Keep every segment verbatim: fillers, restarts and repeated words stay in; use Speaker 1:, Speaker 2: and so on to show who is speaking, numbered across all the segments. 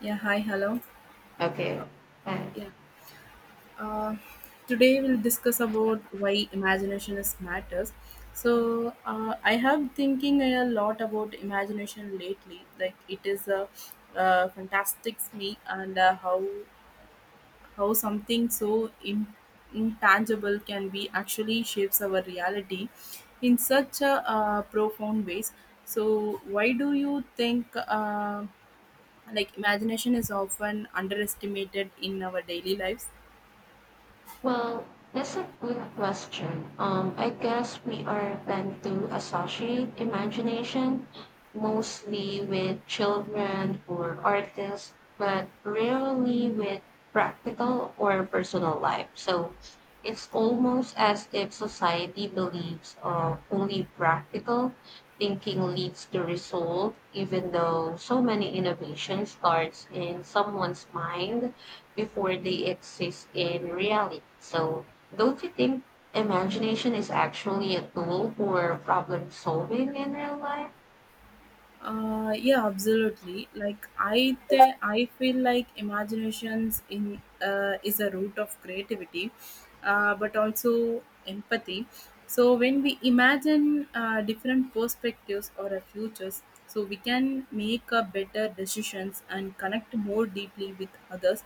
Speaker 1: Yeah, hi, hello.
Speaker 2: Okay.
Speaker 1: Uh,
Speaker 2: Right.
Speaker 1: yeah. Uh, today we'll discuss about why imagination is matters. So uh, I have thinking a lot about imagination lately. Like it is a, uh fantastic me and uh, how how something so in, intangible can be actually shapes our reality in such a uh, profound ways. So why do you think? Uh, like imagination is often underestimated in our daily lives.
Speaker 2: Well, that's a good question. Um, I guess we are tend to associate imagination mostly with children or artists, but rarely with practical or personal life. So it's almost as if society believes uh, only practical thinking leads to result, even though so many innovation starts in someone's mind before they exist in reality. So, don't you think imagination is actually a tool for problem solving in real life?
Speaker 1: Uh, yeah, absolutely. Like I, th- I feel like imaginations in uh, is a root of creativity, uh, but also empathy. So when we imagine uh, different perspectives or a futures, so we can make a better decisions and connect more deeply with others.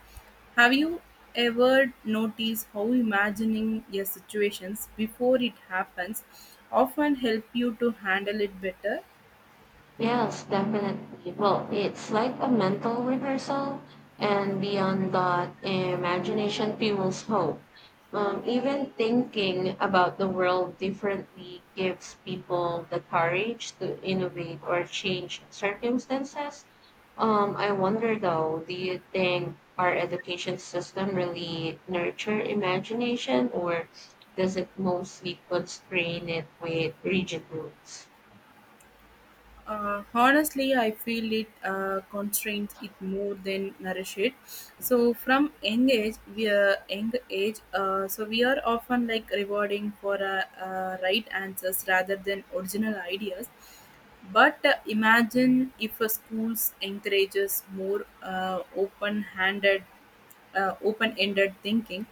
Speaker 1: Have you ever noticed how imagining your situations before it happens often help you to handle it better?
Speaker 2: Yes, definitely. Well, it's like a mental rehearsal, and beyond that, imagination fuels hope. Um, even thinking about the world differently gives people the courage to innovate or change circumstances. Um, I wonder though, do you think our education system really nurture imagination or does it mostly constrain it with rigid rules?
Speaker 1: Uh, honestly, I feel it uh, constrains it more than nourish it. So from young age, we are young age. Uh, so we are often like rewarding for uh, uh, right answers rather than original ideas. But uh, imagine if a schools encourages more uh, open-handed uh, open ended thinking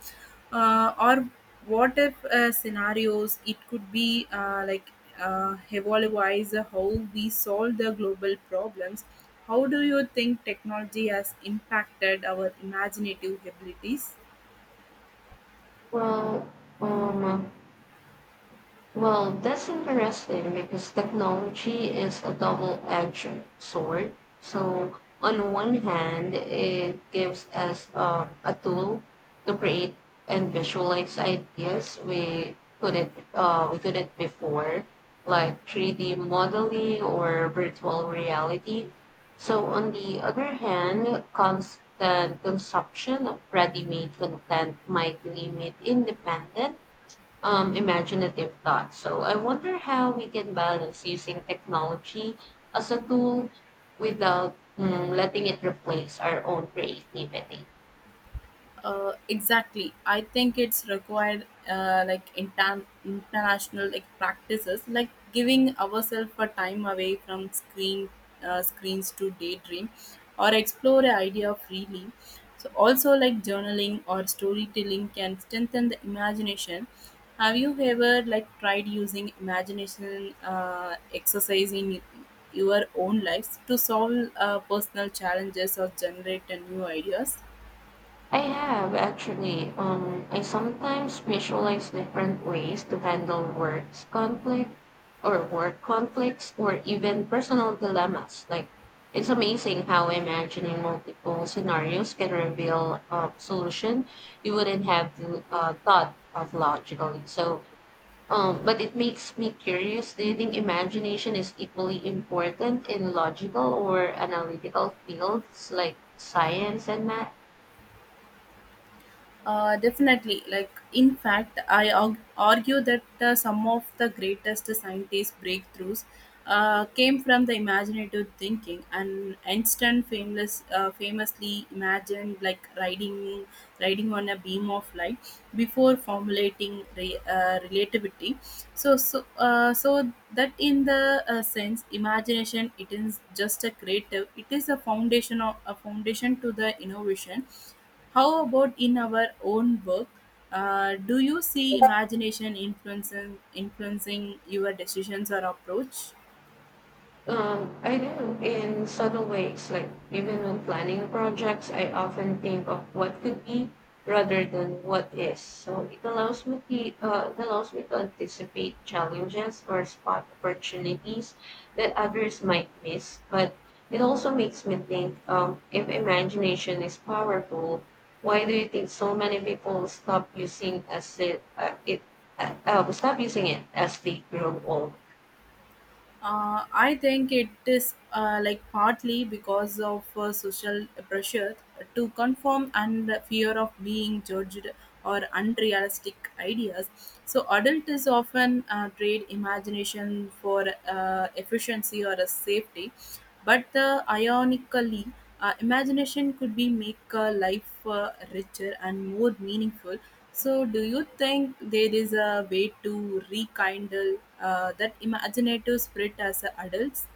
Speaker 1: uh, or what if uh, scenarios it could be uh, like uh, evaluate how we solve the global problems. How do you think technology has impacted our imaginative abilities?
Speaker 2: Well, um, Well, that's interesting because technology is a double edged sword. So, on one hand, it gives us uh, a tool to create and visualize ideas we couldn't, uh, we couldn't before, like three D modeling or virtual reality. So, on the other hand, constant consumption of ready made content might limit independence um, imaginative thought. So I wonder how we can balance using technology as a tool without mm, letting it replace our own creativity.
Speaker 1: Uh, exactly. I think it's required uh, like inter- international like practices, like giving ourselves a time away from screen uh, screens to daydream, or explore an idea freely. So also like journaling or storytelling can strengthen the imagination. Have you ever like tried using imagination uh, exercise in your own lives to solve uh, personal challenges or generate uh, new ideas?
Speaker 2: I have actually. Um, I sometimes visualize different ways to handle works conflict or work conflicts or even personal dilemmas. Like it's amazing how imagining multiple scenarios can reveal a solution you wouldn't have to, uh, thought of logically. So Um, but it makes me curious. Do you think imagination is equally important in logical or analytical fields like science and math?
Speaker 1: Uh, definitely. Like, in fact, I arg- argue that uh, some of the greatest scientists' breakthroughs uh, came from the imaginative thinking. And Einstein famous, uh, famously imagined like riding, riding on a beam of light before formulating re- uh, relativity. So, so, uh, so that in the uh, sense, imagination it is just a creative. It is a foundation of a foundation to the innovation. How about in our own work? Uh, do you see imagination influencing, influencing your decisions or approach?
Speaker 2: Um, I do in subtle ways, like even when planning projects, I often think of what could be rather than what is. So it allows me to, uh, it allows me to anticipate challenges or spot opportunities that others might miss. But it also makes me think, um, if imagination is powerful, why do you think so many people stop using as it, uh, it uh, uh, stop using it as they grow older?
Speaker 1: Uh, I think it is uh, like partly because of uh, social pressure to conform and the fear of being judged or unrealistic ideas. So, adult is often uh, trade imagination for uh, efficiency or a safety, but uh, ironically, uh, imagination could be make uh, life uh, richer and more meaningful. So, do you think there is a way to rekindle uh, that imaginative spirit as a adults?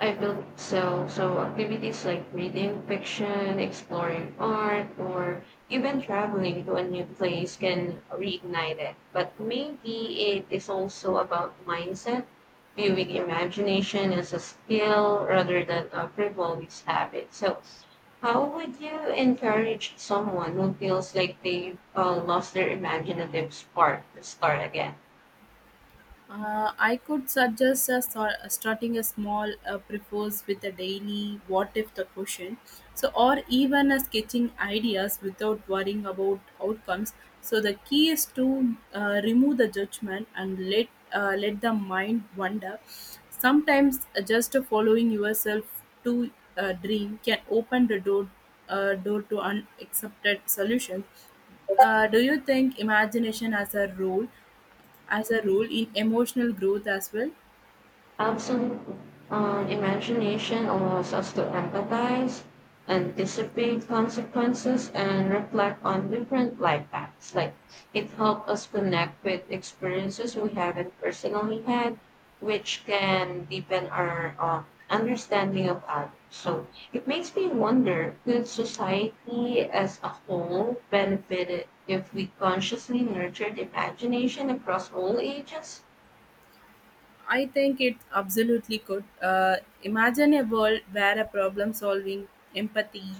Speaker 2: I built so so activities like reading fiction, exploring art, or even traveling to a new place can reignite it. But maybe it is also about mindset, viewing imagination as a skill rather than a frivolous habit. So, how would you encourage someone who feels like they uh, lost their imaginative spark to start again?
Speaker 1: Uh, I could suggest us or- starting a small uh, prefers with a daily what if the question. So, or even a sketching ideas without worrying about outcomes. So, the key is to uh, remove the judgment and let uh, let the mind wander. Sometimes uh, just following yourself to a dream can open the door uh, door to unaccepted solutions. Uh, do you think imagination as a role? As a rule in emotional growth as well?
Speaker 2: Absent. Um, imagination allows us to empathize, anticipate consequences, and reflect on different life paths. Like it helps us connect with experiences we haven't personally had, which can deepen our um, understanding of others. So it makes me wonder, could society as a whole benefit if we consciously nurtured imagination across all ages?
Speaker 1: I think it absolutely could. uh, imagine a world where a problem solving, empathy,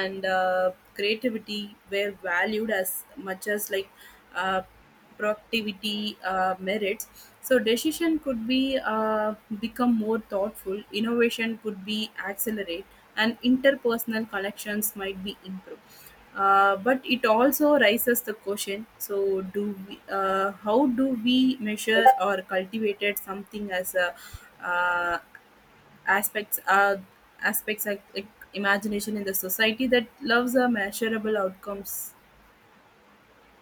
Speaker 1: and uh, creativity were valued as much as like uh, productivity uh, merits. So decision could be uh, become more thoughtful, innovation could be accelerate, and interpersonal connections might be improved. Uh, but it also raises the question, so do we uh, how do we measure or cultivated something as a uh, aspects uh, aspects like, like imagination in the society that loves a measurable outcomes?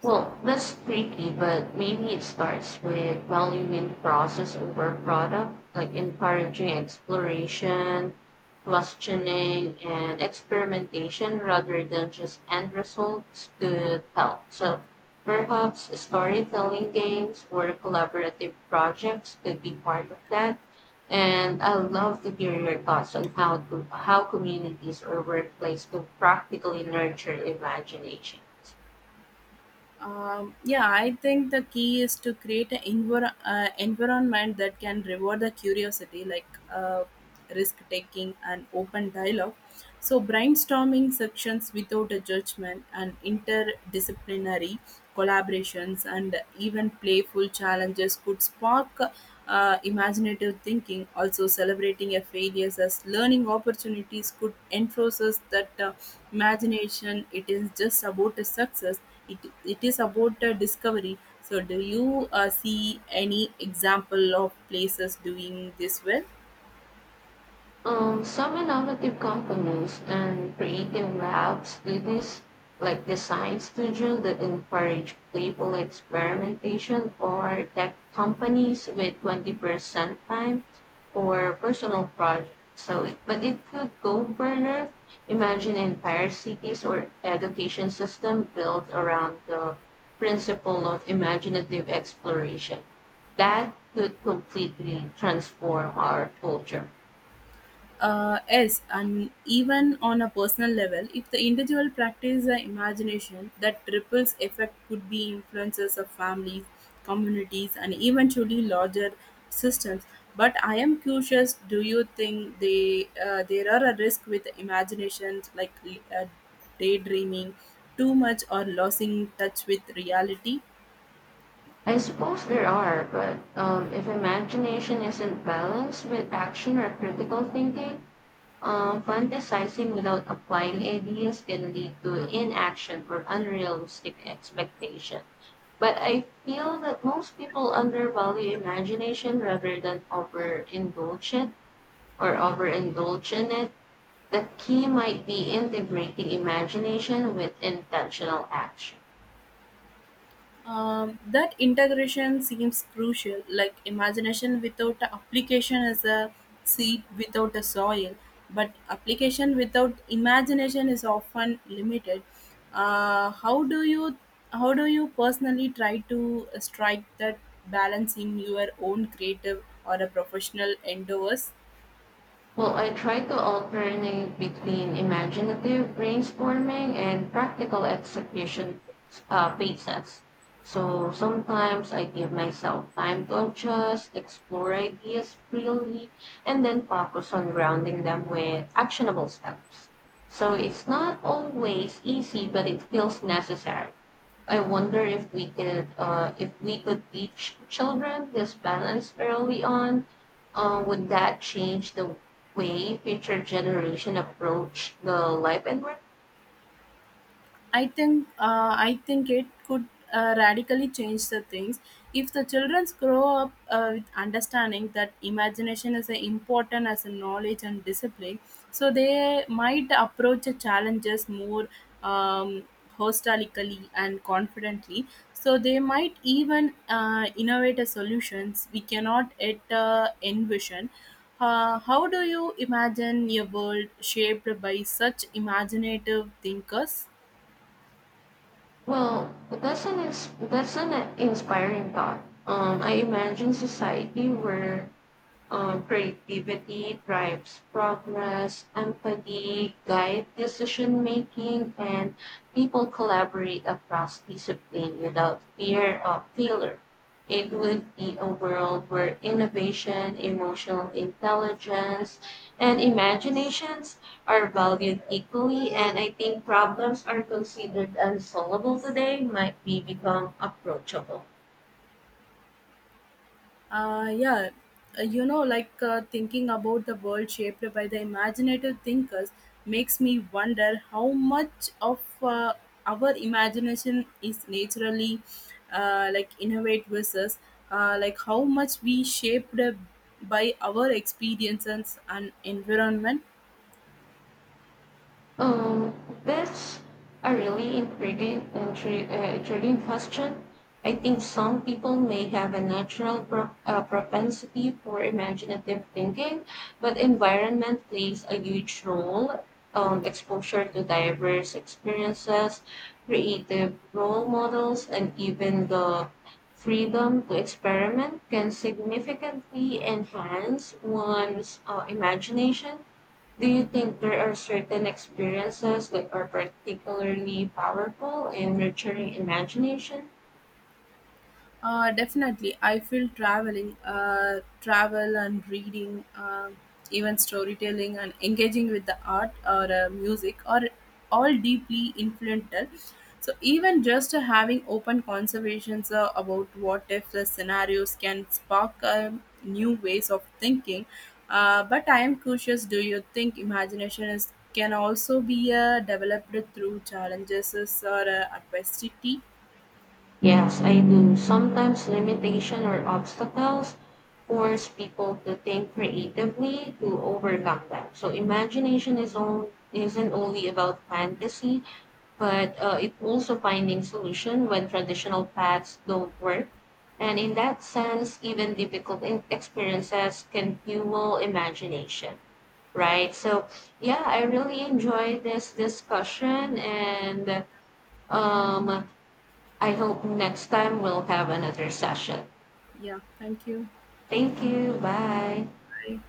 Speaker 2: Well, that's tricky, but maybe it starts with valuing process over product, like encouraging exploration, questioning, and experimentation rather than just end results to tell. So perhaps storytelling games or collaborative projects could be part of that. And I love to hear your thoughts on how to, how communities or workplace could practically nurture imagination.
Speaker 1: Um, yeah, I think the key is to create an envir- uh, environment that can reward the curiosity, like uh, risk taking and open dialogue. So, brainstorming sections without a judgment and interdisciplinary collaborations and even playful challenges could spark uh, imaginative thinking. Also, celebrating a failures as learning opportunities could enforce us that uh, imagination it is just about a success, it, it is about uh, discovery. So do you uh, see any example of places doing this well?
Speaker 2: Um, some innovative companies and creative labs do this, like design studios that encourage playful experimentation, or tech companies with twenty percent time for personal projects. So, it, but it could go further. Imagine entire cities or education system built around the principle of imaginative exploration. That could completely transform our culture.
Speaker 1: Uh, yes, and even on a personal level, if the individual practices the imagination, that ripples effect could be influences of families, communities, and eventually larger systems. But I am curious: do you think they uh, there are a risk with imaginations like uh, daydreaming too much or losing touch with reality?
Speaker 2: I suppose there are, but um, if imagination isn't balanced with action or critical thinking, um, fantasizing without applying ideas can lead to inaction or unrealistic expectation. But I feel that most people undervalue imagination rather than overindulge it or overindulge in it. The key might be integrating imagination with intentional action.
Speaker 1: Um, that integration seems crucial, like imagination without a application is a seed without a soil, but application without imagination is often limited. Uh, how do you how do you personally try to strike that balance in your own creative or a professional endeavors?
Speaker 2: Well, I try to alternate between imaginative brainstorming and practical execution uh, phases. So sometimes I give myself time to adjust, explore ideas freely, and then focus on grounding them with actionable steps. So it's not always easy, but it feels necessary. I wonder if we could uh, if we could teach children this balance early on. Uh, would that change the way future generation approach the life and work?
Speaker 1: I think uh, I think it could uh, radically change the things if the children grow up uh, with understanding that imagination is as important as a knowledge and discipline. So they might approach the challenges more um, holistically and confidently. So they might even uh, innovate a solutions we cannot yet uh, envision. Uh, how do you imagine a world shaped by such imaginative thinkers?
Speaker 2: Well, that's an ins- that's an inspiring thought. Um, I imagine society where Um, creativity drives progress, empathy guides decision making, and people collaborate across discipline without fear of failure. It would be a world where innovation, emotional intelligence, and imaginations are valued equally, and I think problems are considered unsolvable today might be become approachable.
Speaker 1: Uh, yeah, uh, you know, like uh, thinking about the world shaped by the imaginative thinkers makes me wonder how much of uh, our imagination is naturally uh, like innovate versus uh, like how much we shaped by our experiences and environment.
Speaker 2: Um, that's a really intriguing, intri- uh, intriguing question. I think some people may have a natural pro- uh, propensity for imaginative thinking, but environment plays a huge role. Um, exposure to diverse experiences, creative role models, and even the freedom to experiment can significantly enhance one's uh, imagination. Do you think there are certain experiences that are particularly powerful in nurturing imagination?
Speaker 1: Uh, definitely, I feel traveling, uh, travel and reading, uh, even storytelling and engaging with the art or uh, music are all deeply influential. So even just uh, having open conversations uh, about what if the scenarios can spark um, new ways of thinking. Uh, but I am curious. Do you think imagination is can also be uh, developed through challenges or uh, adversity?
Speaker 2: Yes, I do. Sometimes limitation or obstacles force people to think creatively to overcome them. So imagination is on, isn't only about fantasy, but uh, it also finding solution when traditional paths don't work. And in that sense, even difficult in- experiences can fuel imagination. Right. So yeah, I really enjoyed this discussion, and um I hope next time we'll have another session.
Speaker 1: Yeah. Thank you.
Speaker 2: Thank you. Bye.
Speaker 1: Bye.